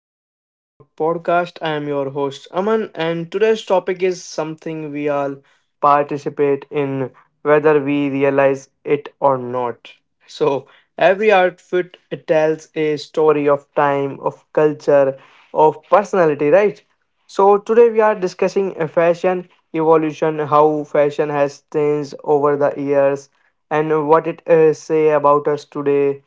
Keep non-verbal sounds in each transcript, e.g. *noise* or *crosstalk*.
to the Growth Talk podcast. I am your host Aman and today's topic is something we all participate in whether we realize it or not. So every outfit it tells a story of time, of culture, of personality, right? So today we are discussing a fashion evolution, how fashion has changed over the years and what it say about us today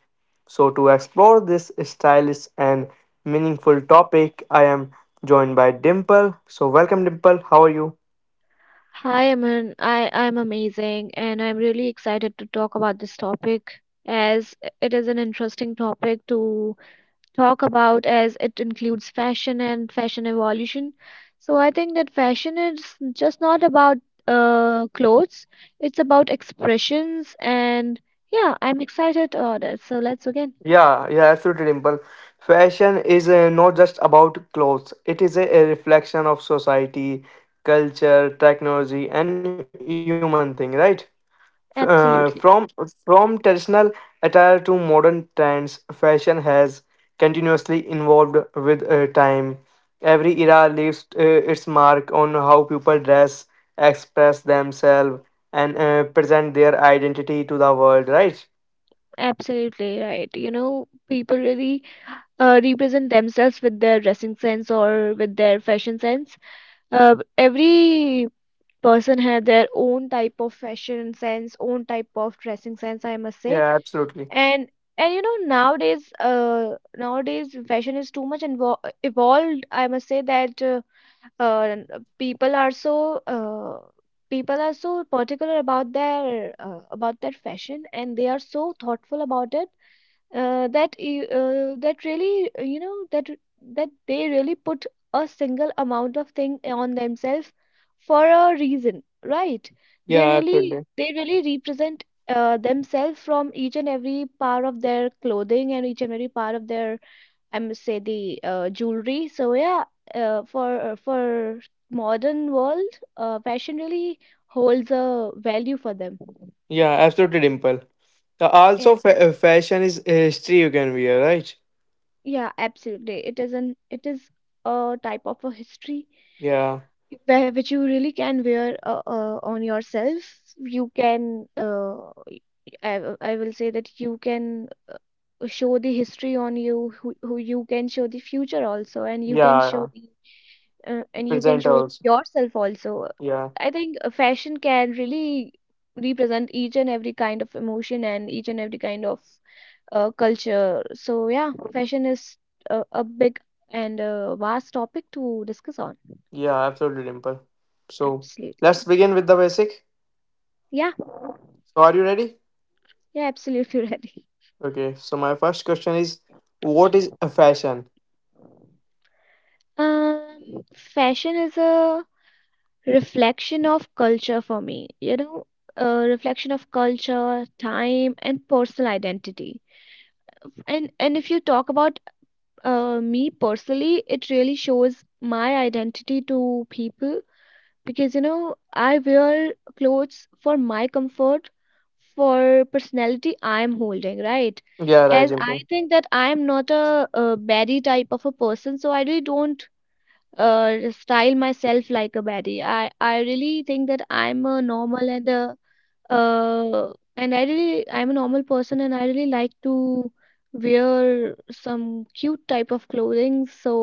so, to explore this stylish and meaningful topic, I am joined by Dimple. So, welcome, Dimple. How are you? Hi, Aman. I'm amazing, and I'm really excited to talk about this topic as it is an interesting topic to talk about as it includes fashion and fashion evolution. So I think that fashion is just not about clothes; it's about expressions, and yeah, I'm excited about that. So let's begin. Yeah, yeah, absolutely, Dimple. Fashion is not just about clothes, it is a reflection of society, culture, technology, and human thing, right? F- uh, from Absolutely, from traditional attire to modern trends, fashion has continuously evolved with time. Every era leaves its mark on how people dress, express themselves, and present their identity to the world. Right? absolutely right. You know, people really represent themselves with their dressing sense or with their fashion sense. Every person had their own type of fashion sense, own type of dressing sense, I must say. Yeah, absolutely. And and you know, nowadays, fashion is too much evolved, I must say that, uh people are so uh people are so particular about their, about their fashion, and they are so thoughtful about it, that really, you know, that they really put a single amount of thing on themselves for a reason, right? they Yeah, really absolutely. they really represent, themselves from each and every part of their clothing and each and every part of their, I must say, the jewelry. So yeah, for modern world, fashion really holds a value for them. Yeah, absolutely, Dimple. Yeah. Also, fashion is history you can wear, right? Yeah, absolutely. It is a type of a history Yeah. where which you really can wear on yourself. You can, I will say that you can, show the history on you, who you can show the future also, and you can Yeah. show Yeah. the, and you can Present show also. yourself also. Yeah. I think, fashion can really represent each and every kind of emotion and each and every kind of, culture. So yeah, fashion is a big and vast topic to discuss on. Yeah, absolutely, Dimple. So Absolutely. let's begin with the basic. Yeah, So are you ready? yeah, absolutely *laughs* ready. Okay. So my first question is, what is a fashion? Fashion is a reflection of culture for me, a reflection of culture, time, and personal identity. And if you talk about, me personally, it really shows my identity to people, because I wear clothes for my comfort, for personality I'm holding, right? Yeah, right, As I Dimple. think that I'm not a baddie type of a person, so I really don't, style myself like a baddie. I really think that I'm a normal and a, and I really, I'm a normal person, and I really like to wear some cute type of clothing, so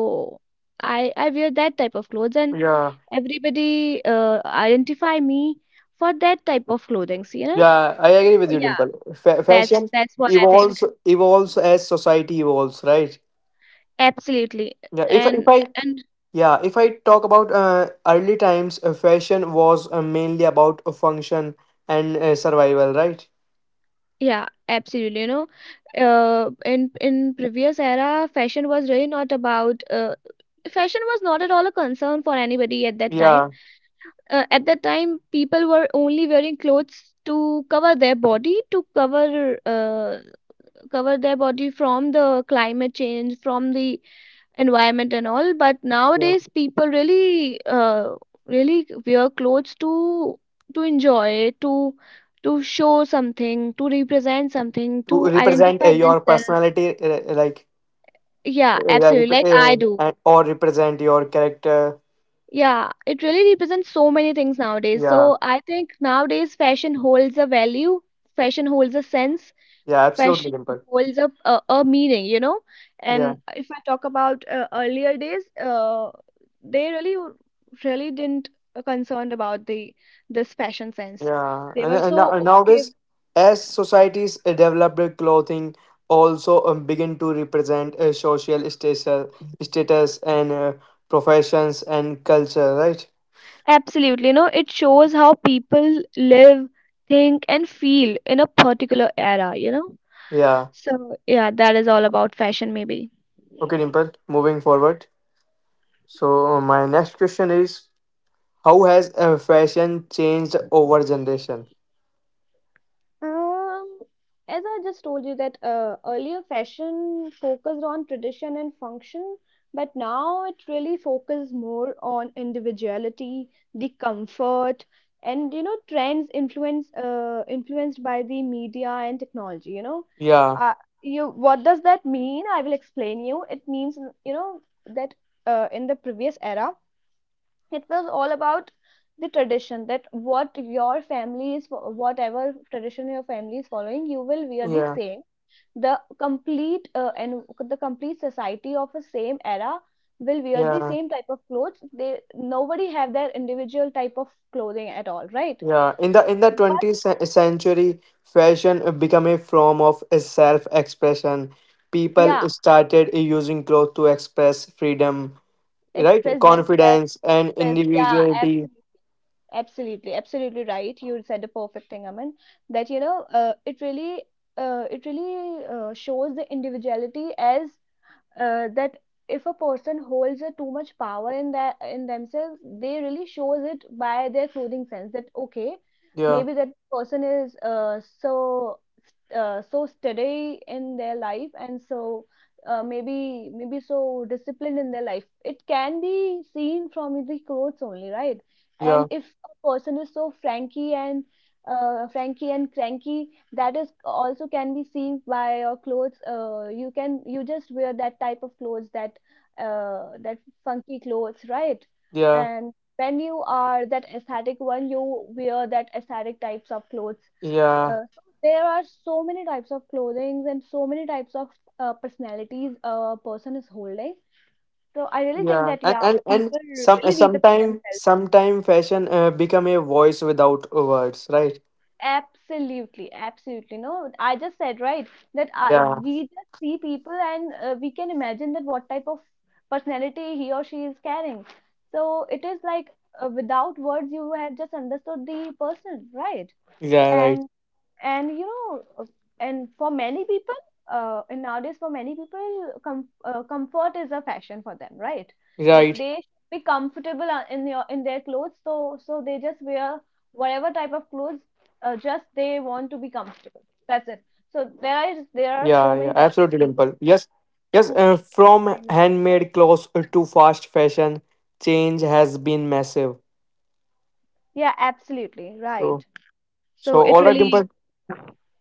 I wear that type of clothes, and Yeah, everybody, identify me for that type of clothing. yeah, I So agree with you, yeah, Dimple. That's Fashion that's what I think. evolves as society evolves, right? Absolutely. Yeah. If I- if and I and yeah if I talk about early times, fashion was mainly about a function and survival, right? yeah, absolutely, in previous era, fashion was really not about, fashion was not at all a concern for anybody at that time. Yeah, At that time people were only wearing clothes to cover their body from the climate change, from the environment and all, but yeah. nowadays people really wear clothes to enjoy, to show something, to represent something, To to represent identify your themselves. personality, like Yeah, Yeah, absolutely, rep- like eh, I do. and- or represent your character. Yeah, it really represents so many things nowadays. Yeah, So I think nowadays fashion holds a value, fashion holds a sense, yeah, absolutely, fashion Dimple. holds a meaning. Yeah, And if I talk about, earlier days, they really, really didn't, concerned about the this fashion sense. yeah. They were so And okay. nowadays, as societies develop their clothing, also begin to represent a social status and professions and culture, right? Absolutely, it shows how people live, think, and feel in a particular era. Yeah. So yeah, that is all about fashion, maybe. Okay, Dimple. Moving forward. So my next question is, how has fashion changed over generation? Um, as I just told you that, earlier fashion focused on tradition and function, but now it really focuses more on individuality, the comfort, and trends influenced by the media and technology. You know, Yeah, uh, you what does that mean? I will explain you. It means, you know that, in the previous era it was all about the tradition, that what your family is, whatever tradition your family is following, you will wear the yeah, same, the complete, and the complete society of a same era will wear the yeah. same type of clothes. They Nobody have their individual type of clothing at all, right? Yeah, in the But 20th century, fashion became a form of self-expression. People yeah, started using clothes to express freedom, right? express themselves. Confidence and Express. Yeah, individuality. absolutely. Absolutely, absolutely right. You said the perfect thing, Aman. That, you know, it really, shows the individuality, as, that if a person holds a too much power in themselves, they really shows it by their clothing sense that okay, Yeah, maybe that person is, so, so steady in their life, and so, maybe so disciplined in their life. It can be seen from the clothes only, right? yeah, And if a person is so franky and, franky and cranky, that is also can be seen by your clothes, you just wear that type of clothes, that, that funky clothes, right? yeah, And when you are that aesthetic one, you wear that aesthetic types of clothes, yeah, so there are so many types of clothing and so many types of, personalities a person is holding, so I really think yeah. that, And yeah, and, and people some uh, really represent sometime themselves. sometime fashion become a voice without words, right? Absolutely, absolutely. No, I just said, right, that Yeah, we just see people and, we can imagine that what type of personality he or she is carrying. So it is like, without words, you have just understood the person, right? yeah, right, And and for many people, and nowadays for many people, comfort is a fashion for them, right? That right. they should be comfortable, in their clothes, so they just wear whatever type of clothes, just they want to be comfortable, that's it, Yeah, so yeah, there absolutely, is there Dimple. are so Yes, many type of yes. people From who handmade clothes finds. to fast fashion, change has been massive. Yeah, So, absolutely right. so all right, So it Dimple. really...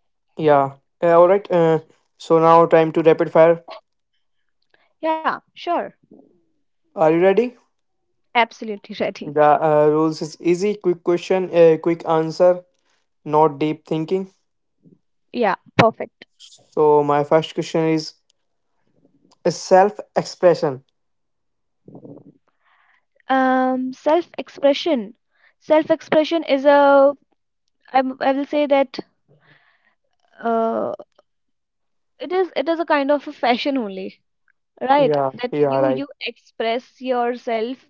Yeah, all right. So now time to rapid fire. Yeah, sure. Are you ready? Absolutely *laughs* ready. The rules is easy. Quick question, quick answer. Not deep thinking. Yeah, perfect. So my first question is self-expression. Self expression. Self expression is a, I will say that, uh, it is a kind of a fashion only, right? Yeah, That yeah, you right. you express yourself,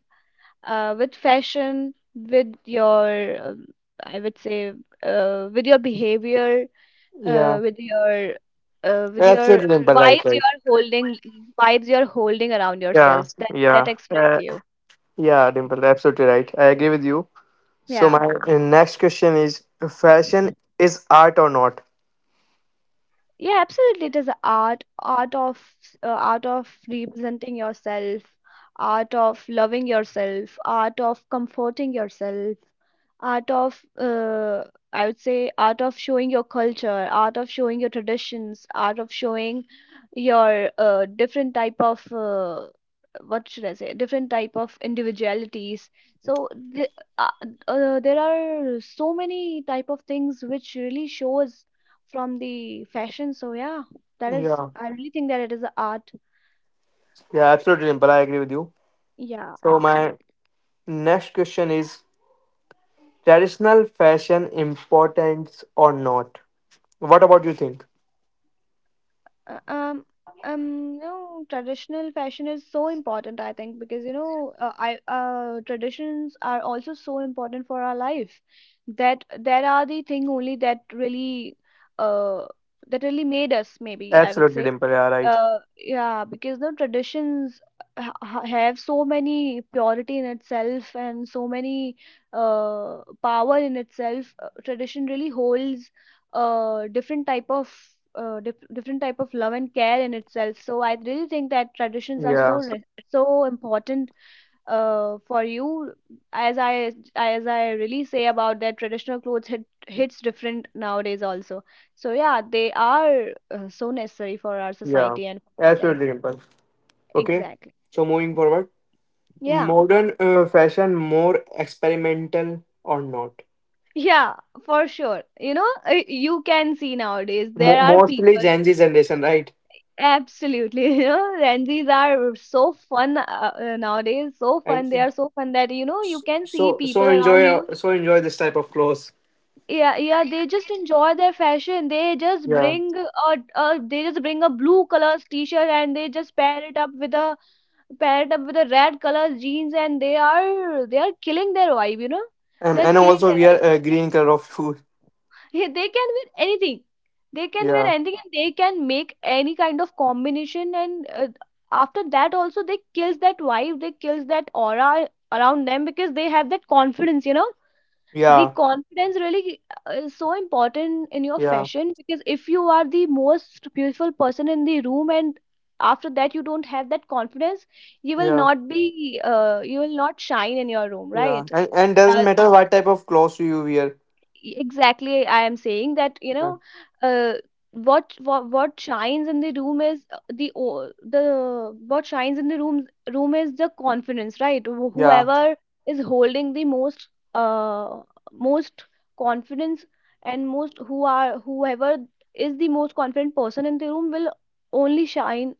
with fashion, with your, I would say, with your behavior, Yeah, with your, uh, with your absolutely, Dimple. Right, vibes right. you're holding vibes you're holding around Yeah, yourself, that yeah. express you. Yeah, Dimple, absolutely right. I agree with you. So Yeah. my next question is: Fashion is art or not? Yeah, absolutely. It is a art, art of representing yourself, art of loving yourself, art of comforting yourself, art of, I would say, art of showing your culture, art of showing your traditions, art of showing your, different type of, what should I say, different type of individualities. So the, uh, there are so many type of things which really shows from the fashion. So yeah, that is, Yeah, I really think that it is a art. yeah, absolutely, Dimple. I agree with you. Yeah, So my absolutely. next question is: Traditional fashion importance or not? What about you think? Uh, um um you know, traditional fashion is so important, I think, because I traditions are also so important for our life, that are the thing only uh that really made us, maybe I would Absolutely, say, Dimple. Yeah, right. Yeah, because the traditions have so many purity in itself and so many, power in itself. Tradition really holds, different type of, different type of love and care in itself, so I really think that traditions are Yeah, so important, for you, as I really say about that, traditional clothes hits different nowadays also, so yeah, they are, so necessary for our yeah, society and for ourselves. absolutely, Dimple. Okay. Exactly. So moving forward, Yeah, modern fashion more experimental or not? yeah, for sure. You can see nowadays there are Mostly people, Gen Z generation, right? absolutely *laughs* Gen Zs are so fun, nowadays so And fun, they are so fun that you can see so people so around enjoy you. uh, so enjoy this type of clothes. Yeah, yeah, they just enjoy their fashion, they just Yeah, bring a blue colors t-shirt, and they just pair it up with a red colors jeans, and they are killing their vibe. They're and killing also their we are vibe *laughs* green color of food. Yeah, they can wear anything they can wear Yeah, anything and they can make any kind of combination, and, after that also, they kills that vibe, they kills that aura around them, because they have that confidence, the yeah, confidence really, is so important in your yeah, fashion, because if you are the most beautiful person in the room, and after that you don't have that confidence, you will yeah, not be, you will not shine in your room, yeah. right? And doesn't uh, matter what type of clothes you wear. Exactly, I am saying that, Yeah, uh, what shines in the room is, the the what shines in the room is the confidence, right? Yeah, Whoever is holding the most, uh most confidence, and most who are, whoever is the most confident person in the room will only shine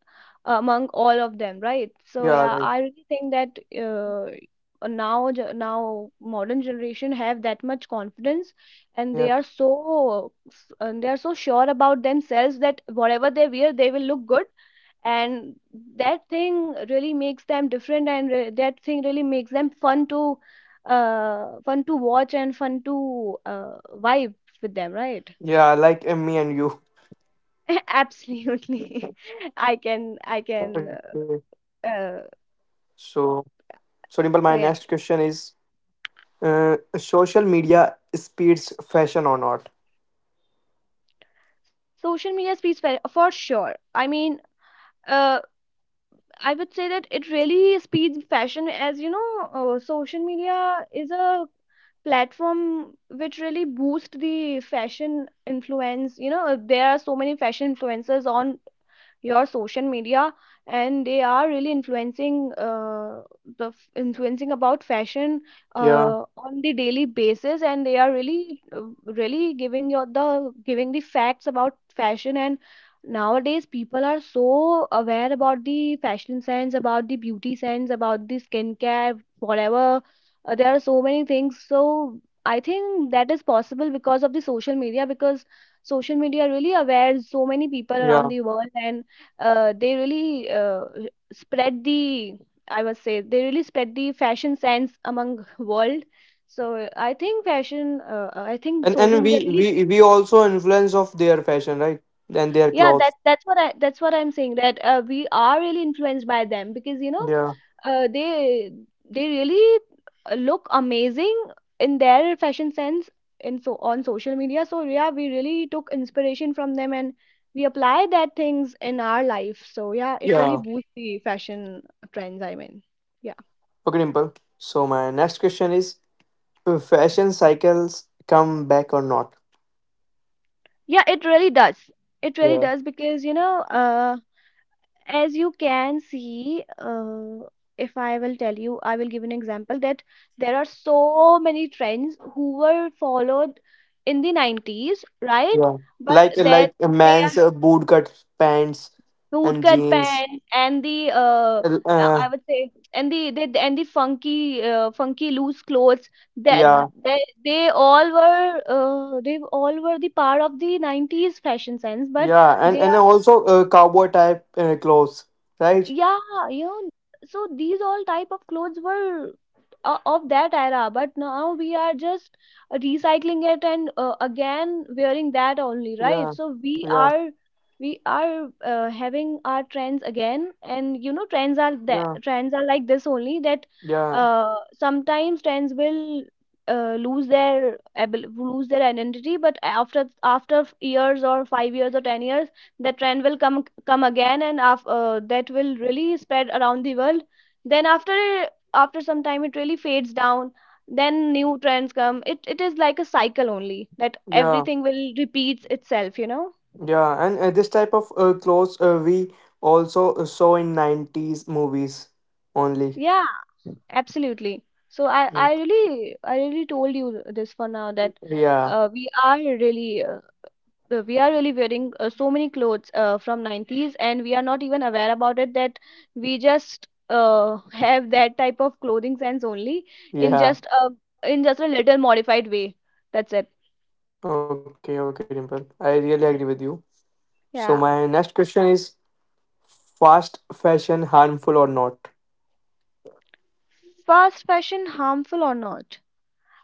among all of them, right? So yeah, yeah, right, I really think that, uh, now Now modern generation have that much confidence, and they yeah, are so sure about themselves that whatever they wear they will look good. And that thing really makes them different, and re- that thing really makes them fun to fun to watch and fun to vibe with them, right? yeah, like me and you. *laughs* Absolutely. *laughs* Okay, I can uh, uh, so so Dimple, my next question so is yeah, social media speeds fashion or not. social media speaks for sure. I mean, uh I would say that it really speeds fashion. As you know, social media is a platform which really boosts the fashion influence. You know, there are so many fashion influencers on your social media, and they are really influencing, uh, influencing about fashion Yeah, on the daily basis. And they are really, uh, giving the facts about fashion. And nowadays people are so aware about the fashion sense, about the beauty sense, about the skincare, whatever. There are so many things. So I think that is possible because of the social media, because social media really aware so many people around yeah, the world. And they really spread the, I would say they really spread the fashion sense among world. So I think social and media we really, we we also influence of their fashion, right? And their yeah, that clothes. that's what I that's what I'm saying, that we are really influenced by them, because you know, Yeah, they really look amazing in their fashion sense, in, so on social media. So yeah, we really took inspiration from them, and we apply that things in our life. So yeah, it really yeah. boosts the fashion trends, I mean, yeah. Okay, Dimple. So my next question is: Fashion cycles come back or not? Yeah, it really does. It really Yeah, does, because you know, uh as you can see, if I will tell you, I will give an example that there are so many trends who were followed in the 90s, right? yeah. But that, Like a they are man's bootcut pants and bootcut jeans. pants and the, Uh, I uh, would say, and the and the funky, funky loose clothes. That, yeah, they all were the part of the 90s fashion sense. But yeah, they, and also cowboy type clothes, right? yeah, you know, so these all type of clothes were of that era. But now we are just recycling it and again wearing that only, right? Yeah, So we yeah, are we are uh, having our trends again. And you know, yeah, trends are like this only, that yeah, sometimes trends will, uh, lose their identity. But after, after years or 5 years or 10 years, the trend will come again. That will really spread around the world. Then after, after some time it really fades down, then new trends come. It is like a cycle only, that yeah, everything will repeats itself, you know. yeah. And this type of clothes we also saw in nineties movies only. Yeah, absolutely. So i i Mm, really i really told you this for now, that yeah, uh, we are really uh, we are really wearing, so many clothes, from 90s, and we are not even aware about it, that we just have that type of clothing sense only, in yeah. just a, in just a little modified way. That's it. Okay, okay, Dimple. I really agree with you. So my Yeah. next question is fast fashion harmful or not? Fast fashion harmful or not?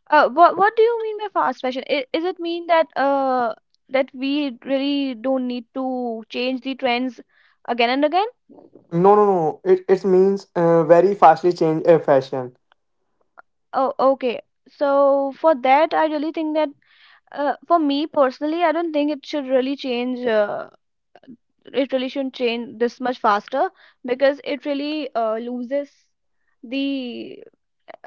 What do you mean by fast fashion? I, is it mean that we really don't need to change the trends again and again? No, no, no. It means very fastly change a fashion. Oh, okay. So for that, I really think that, for me personally, I don't think it should really change. It really shouldn't change this much faster, because it really loses the.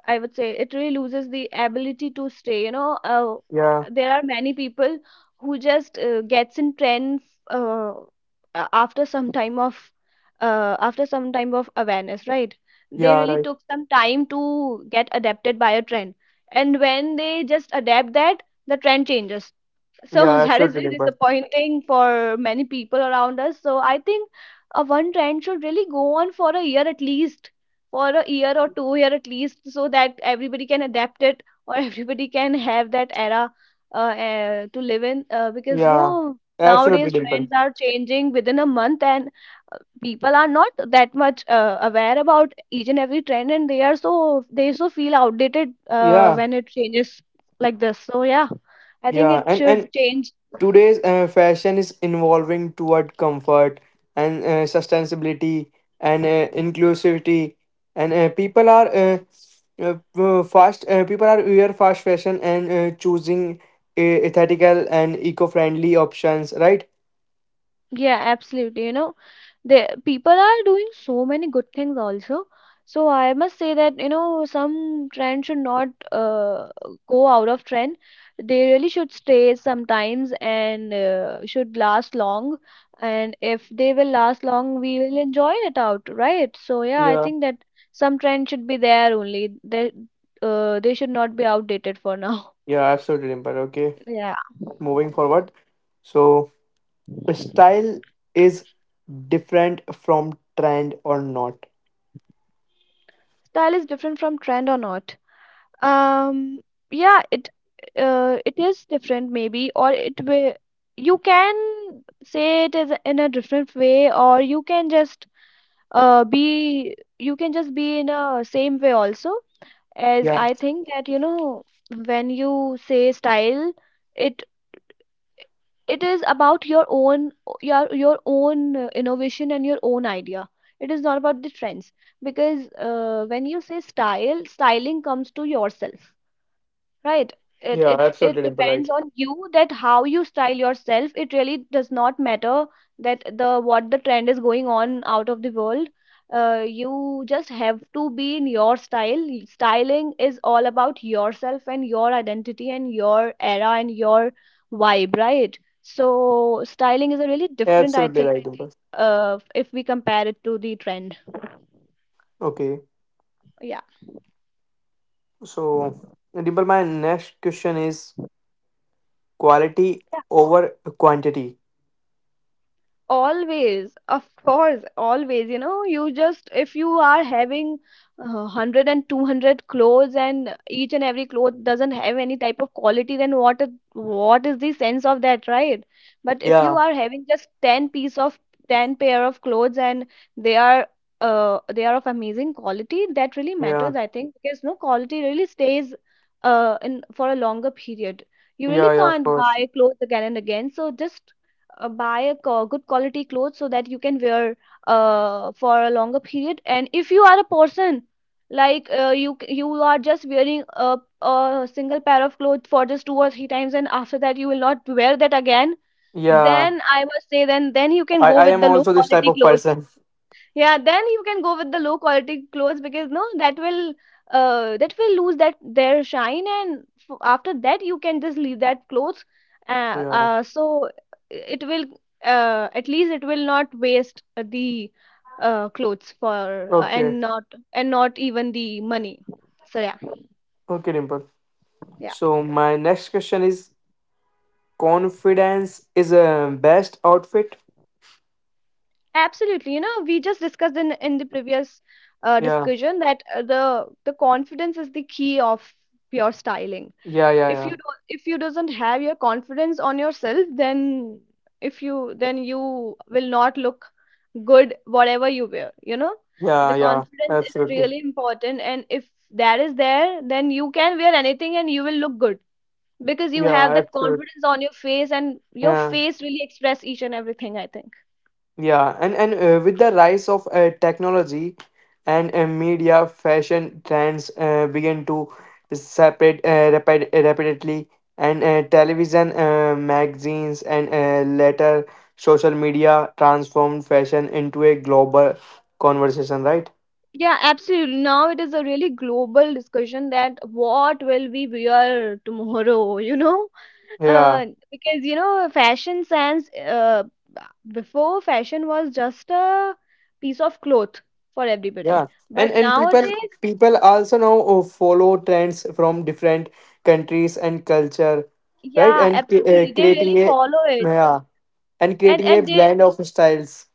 I would say it really loses the ability to stay. You know, Yeah, there are many people who just gets in trends, uh, a- after some time of after some time of awareness, right? They yeah, really right. took some time to get adapted by a trend, and when they just adapt that, the trend changes, Yeah, so *laughs* that is absolutely, very Dimple. disappointing for many people around us. So I think a one trend should really go on for a year at least, for a year or 2 year at least, so that everybody can adapt it, or *laughs* everybody can have that era, to live in. Because Yeah, no, absolutely, nowadays trends Dimple. are changing within a month, and people are not that much aware about each and every trend, and they are so, they so feel outdated Yeah, when it changes like this. So yeah, I think yeah, it and should change. today's fashion is evolving toward comfort and sustainability and inclusivity, and people are fast. People are wear fast fashion and choosing ethical and eco-friendly options. Right? Yeah, absolutely. You know, the people are doing so many good things also. So I must say that, you know, some trend should not go out of trend. They really should stay sometimes, and should last long. And if they will last long, we will enjoy it out, right? So yeah, I Yeah. think that some trend should be there only. They should not be outdated for now. *laughs* Yeah. Absolutely, Dimple. Okay. Yeah. Moving forward, so style is different from trend or not. Style is different from trend or not. um yeah, it is different maybe, or it will, you can say it is in a different way, or you can just be you can just be in a same way also, as Yeah. I think that, you know, when you say style, it it is about your own, your own innovation and your own idea. It is not about the trends. Because when you say style styling comes to yourself. Right. Yeah. It Absolutely, it Dimple. it Right. depends on you that how you style yourself. It really does not matter that the, what the trend is going on out of the world. You just have to be in your style. Styling is all about yourself, and your identity, and your era, and your vibe, right? So styling is a really different, I Absolutely think, right, Dimple. If we compare it to the trend. Okay. Yeah. So, Dimple, my next question is quality over quantity. Always, of course, always. You know, you just, if you are having 100 clothes, and each and every cloth doesn't have any type of quality, then what is the sense of that, right? But if you Yeah, are having just 10 pair of clothes, and they are, they are of amazing quality, that really yeah, matters, I think, because no, quality really stays in, for a longer period. You really yeah, yeah, of can't course. buy clothes again and again, so just buy a good quality clothes, so that you can wear for a longer period. And if you are a person like, uh, you are just wearing a single pair of clothes for just two or three times, and after that you will not wear that again, Yeah, then I must say, then you can go I with am the low also this type quality of clothes. person. *laughs* Yeah, then you can go with the low quality clothes, because no, that will, that will lose that, their shine. And f, after that you can just leave that clothes. Yeah, So it will, at least it will not waste the, clothes, for, okay, and not, and not even the money. So yeah, okay, Dimple. yeah. So, my next question is confidence is a best outfit. Absolutely. You know, we just discussed in the previous Yeah, discussion that, uh, the confidence is the key of pure styling. yeah, yeah, If you yeah, don't, if you doesn't have your confidence on yourself, then if you, then you will not look good, whatever you wear, you know. yeah, The yeah, confidence is absolutely. really important, and if that is there, then you can wear anything and you will look good, because you Yeah, have that absolutely. confidence on your face, and your Yeah. face really express each and everything, I think. Yeah, and with the rise of technology and media, fashion trends begin to separate rapidly, and television, magazines, and later social media transformed fashion into a global conversation. Right? Yeah, absolutely. Now it is a really global discussion, that what will we wear tomorrow. *laughs* You know, Uh, Yeah, because you know, fashion sense, before fashion was just a piece of cloth for everybody. yeah, But and people nowadays, people also now follow trends from different countries and culture, right? yeah, And absolutely, they creating really a follow it, yeah and and creating a and they, blend of styles.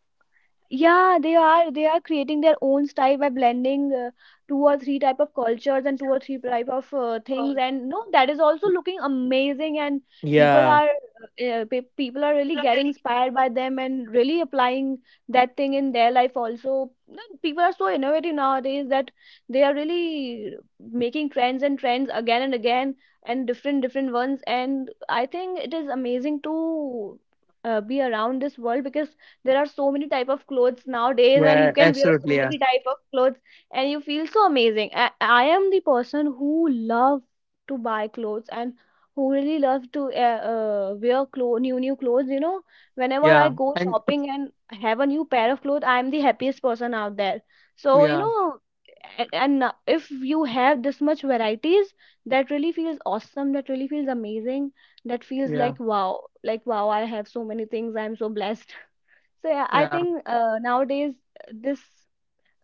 yeah, they are creating their own style by blending two or three type of cultures and two or three type of things. And no, that is also looking amazing. And people Yeah, are people are really getting inspired by them and really applying that thing in their life also. No, people are so innovative nowadays that they are really making trends and trends again and again and different different ones. And I think it is amazing to be around this world because there are so many type of clothes nowadays and you yeah, can wear absolutely. so Yeah, many type of clothes and you feel so amazing. I am the person who love to buy clothes and who really love to wear new new clothes, you know, whenever I yeah, go and shopping and have a new pair of clothes. I am the happiest person out there, so you yeah, know. And if you have this much varieties, that really feels awesome, that really feels amazing, that feels yeah, like wow, like wow, I have so many things, I'm so blessed. So yeah, I yeah, think nowadays uh, this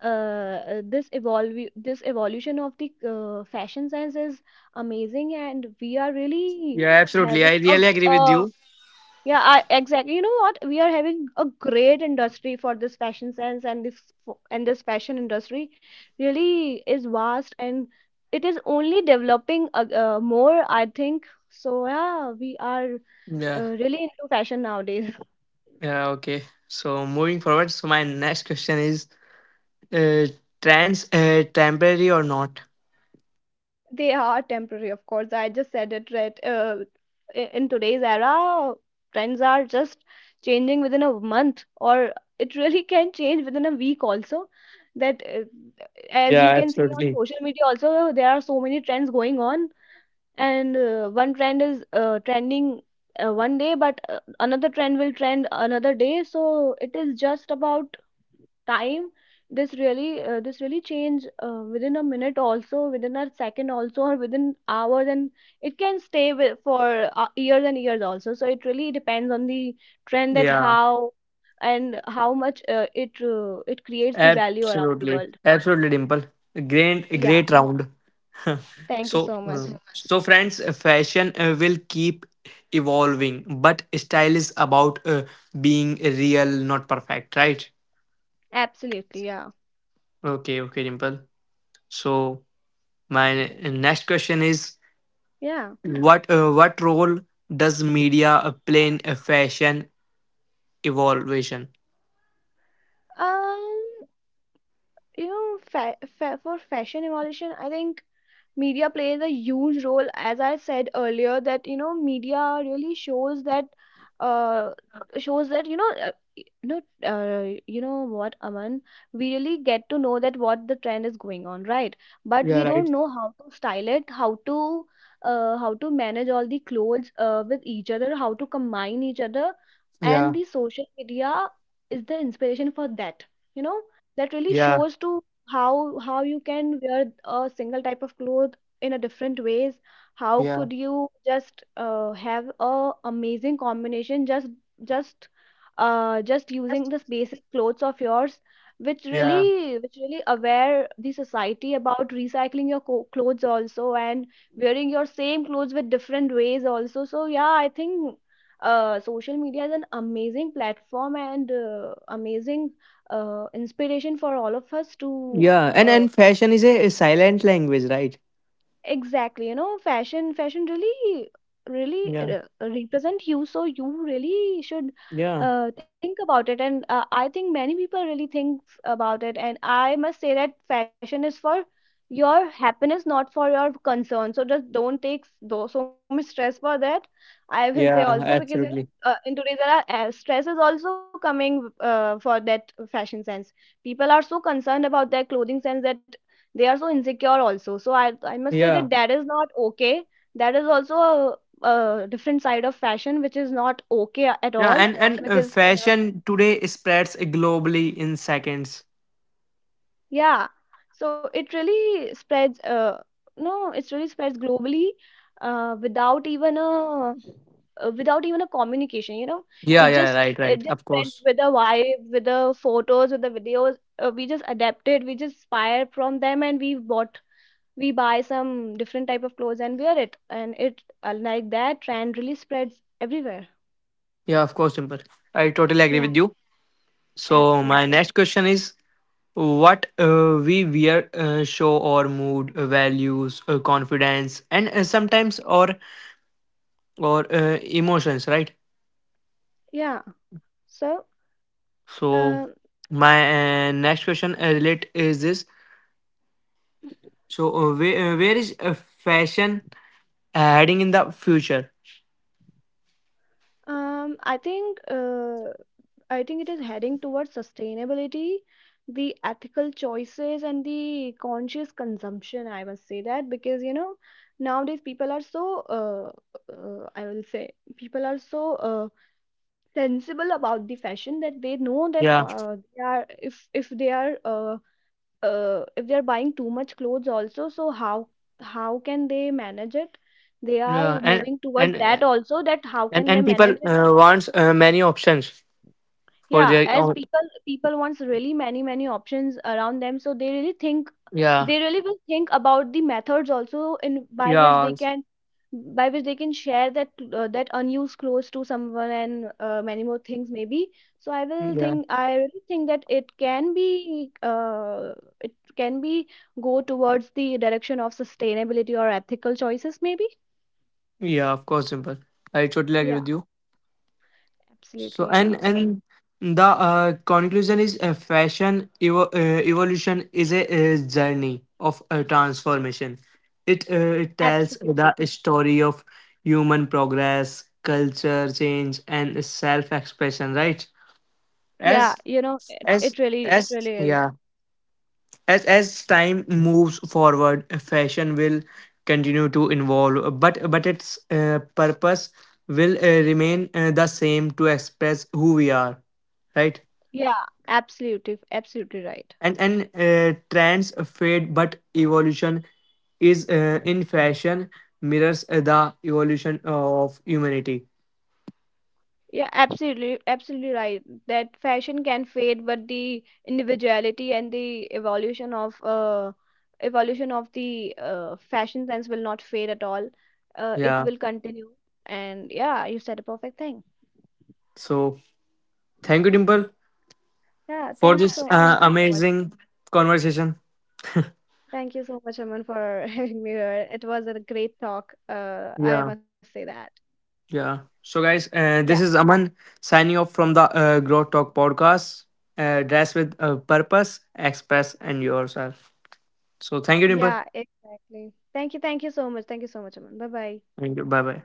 this evolve this evolution of the fashion sense is amazing, and we are really yeah, absolutely. having I a really agree with uh, you. yeah. Exactly. You know what? We are having a great industry for this fashion sense, and and this fashion industry really is vast, and it is only developing more, I think so. Yeah, we are Yeah, really into fashion nowadays. yeah, okay. So moving forward, so my next question is uh, trends temporary or not? They are temporary, of course. I just said it right. In today's era, trends are just changing within a month, or it really can change within a week also. That, uh, as Yeah, you can see on absolutely. social media, also there are so many trends going on, and one trend is trending one day, but another trend will trend another day. So it is just about time. This really this really change within a minute also, within a second also, or within hours. And it can stay for years and years also. So it really depends on the trend, that Yeah, how and how much it creates the value around the absolutely. world. Absolutely, Dimple. Great, Yeah, great round. *laughs* thank you So so much. so friends fashion will keep evolving but style is about being real not perfect, right? Absolutely, yeah. Okay, okay, Dimple. So my next question is Yeah. What role does media play in a fashion evolution. Um, you know, fa fa for fashion evolution, I think media plays a huge role. As I said earlier, that you know, media really shows that uh shows that, you know, no, you know what, Aman? We really get to know that what the trend is going on, right? But Yeah, we right. don't know how to style it, how to manage all the clothes with each other, how to combine each other, and Yeah, the social media is the inspiration for that. You know, that really yeah, shows to how you can wear a single type of cloth in a different ways. How yeah, could you just have a amazing combination, just just using this basic clothes of yours, which yeah, really, which really aware the society about recycling your clothes also, and wearing your same clothes with different ways also. So yeah, I think social media is an amazing platform and amazing inspiration for all of us to yeah, and fashion is a silent language, right? exactly. You know, fashion really really Yeah, represent you, so you really should yeah, think about it. And I think many people really think about it, and I must say that fashion is for your happiness, not for your concern. So just don't take though so much stress for that, I will say yeah, also, because you know, absolutely, in today's era, stress is also coming for that fashion sense. People are so concerned about their clothing sense that they are so insecure also. So i must say yeah. that that is not okay. That is also a different side of fashion, which is not okay, at Yeah, all. And Because fashion today spreads globally in seconds. yeah, so it really spreads no, it really spreads globally, uh, without even a without even a communication, you know. Yeah, It yeah, just, right, it right. just Of spreads course. with the vibe, with the photos, with the videos. We just adapt it, we just inspire from them, and we buy some different type of clothes and wear it, and it like that trend really spreads everywhere. Yeah, of course, Dimple. I totally agree Yeah, with you. So my absolutely. next question is what we wear show our mood, values, confidence, and sometimes our or emotions, right? Yeah. So So um, my next question relate is this. So where is fashion heading in the future? um I think uh, I think it is heading towards sustainability, the ethical choices and the conscious consumption, I must say that. Because you know, nowadays people are so uh, I will say people are so uh, sensible about the fashion that they know that Yeah, they are, if they are if they are buying too much clothes also, so how can they manage it, they yeah, are moving towards and that also, that how can they and people manage it. Wants many options for Yeah, their as own. People wants really many many options around them, so they really think, Yeah, they really will think about the methods also in by which yeah, they s- can, by which they can share that that unused clothes to someone and many more things maybe. So yeah, I really think that it can be go towards the direction of sustainability or ethical choices maybe. yeah of course, simple. I totally agree Yeah, with you. So absolutely. Yeah, and the conclusion is evolution is a, journey of transformation. It it tells absolutely. the story of human progress, culture change and self expression, right? Yeah, as you know, as it really, it as really is. yeah as as time moves forward fashion will continue to evolve but its purpose will remain the same to express who we are, right? Yeah, absolutely, absolutely right. And trends fade but evolution is in fashion mirrors the evolution of humanity. Yeah, absolutely, absolutely right. That fashion can fade, but the individuality and the evolution of the fashion sense will not fade at all. It Yeah, will continue. And yeah, you said a perfect thing. so thank you, Dimple, Yeah, for this thank you so much. amazing conversation. Thank you so much, Aman, for *laughs* having me here. It was a great talk. I Yeah. must say that. Yeah. So, guys, Yeah, this is Aman signing off from the Grow Talk podcast. Dress with purpose, express, and yourself. So, thank you, Dimple. yeah, exactly. Thank you so much. Thank you so much, Aman. Bye bye. Thank you. Bye bye.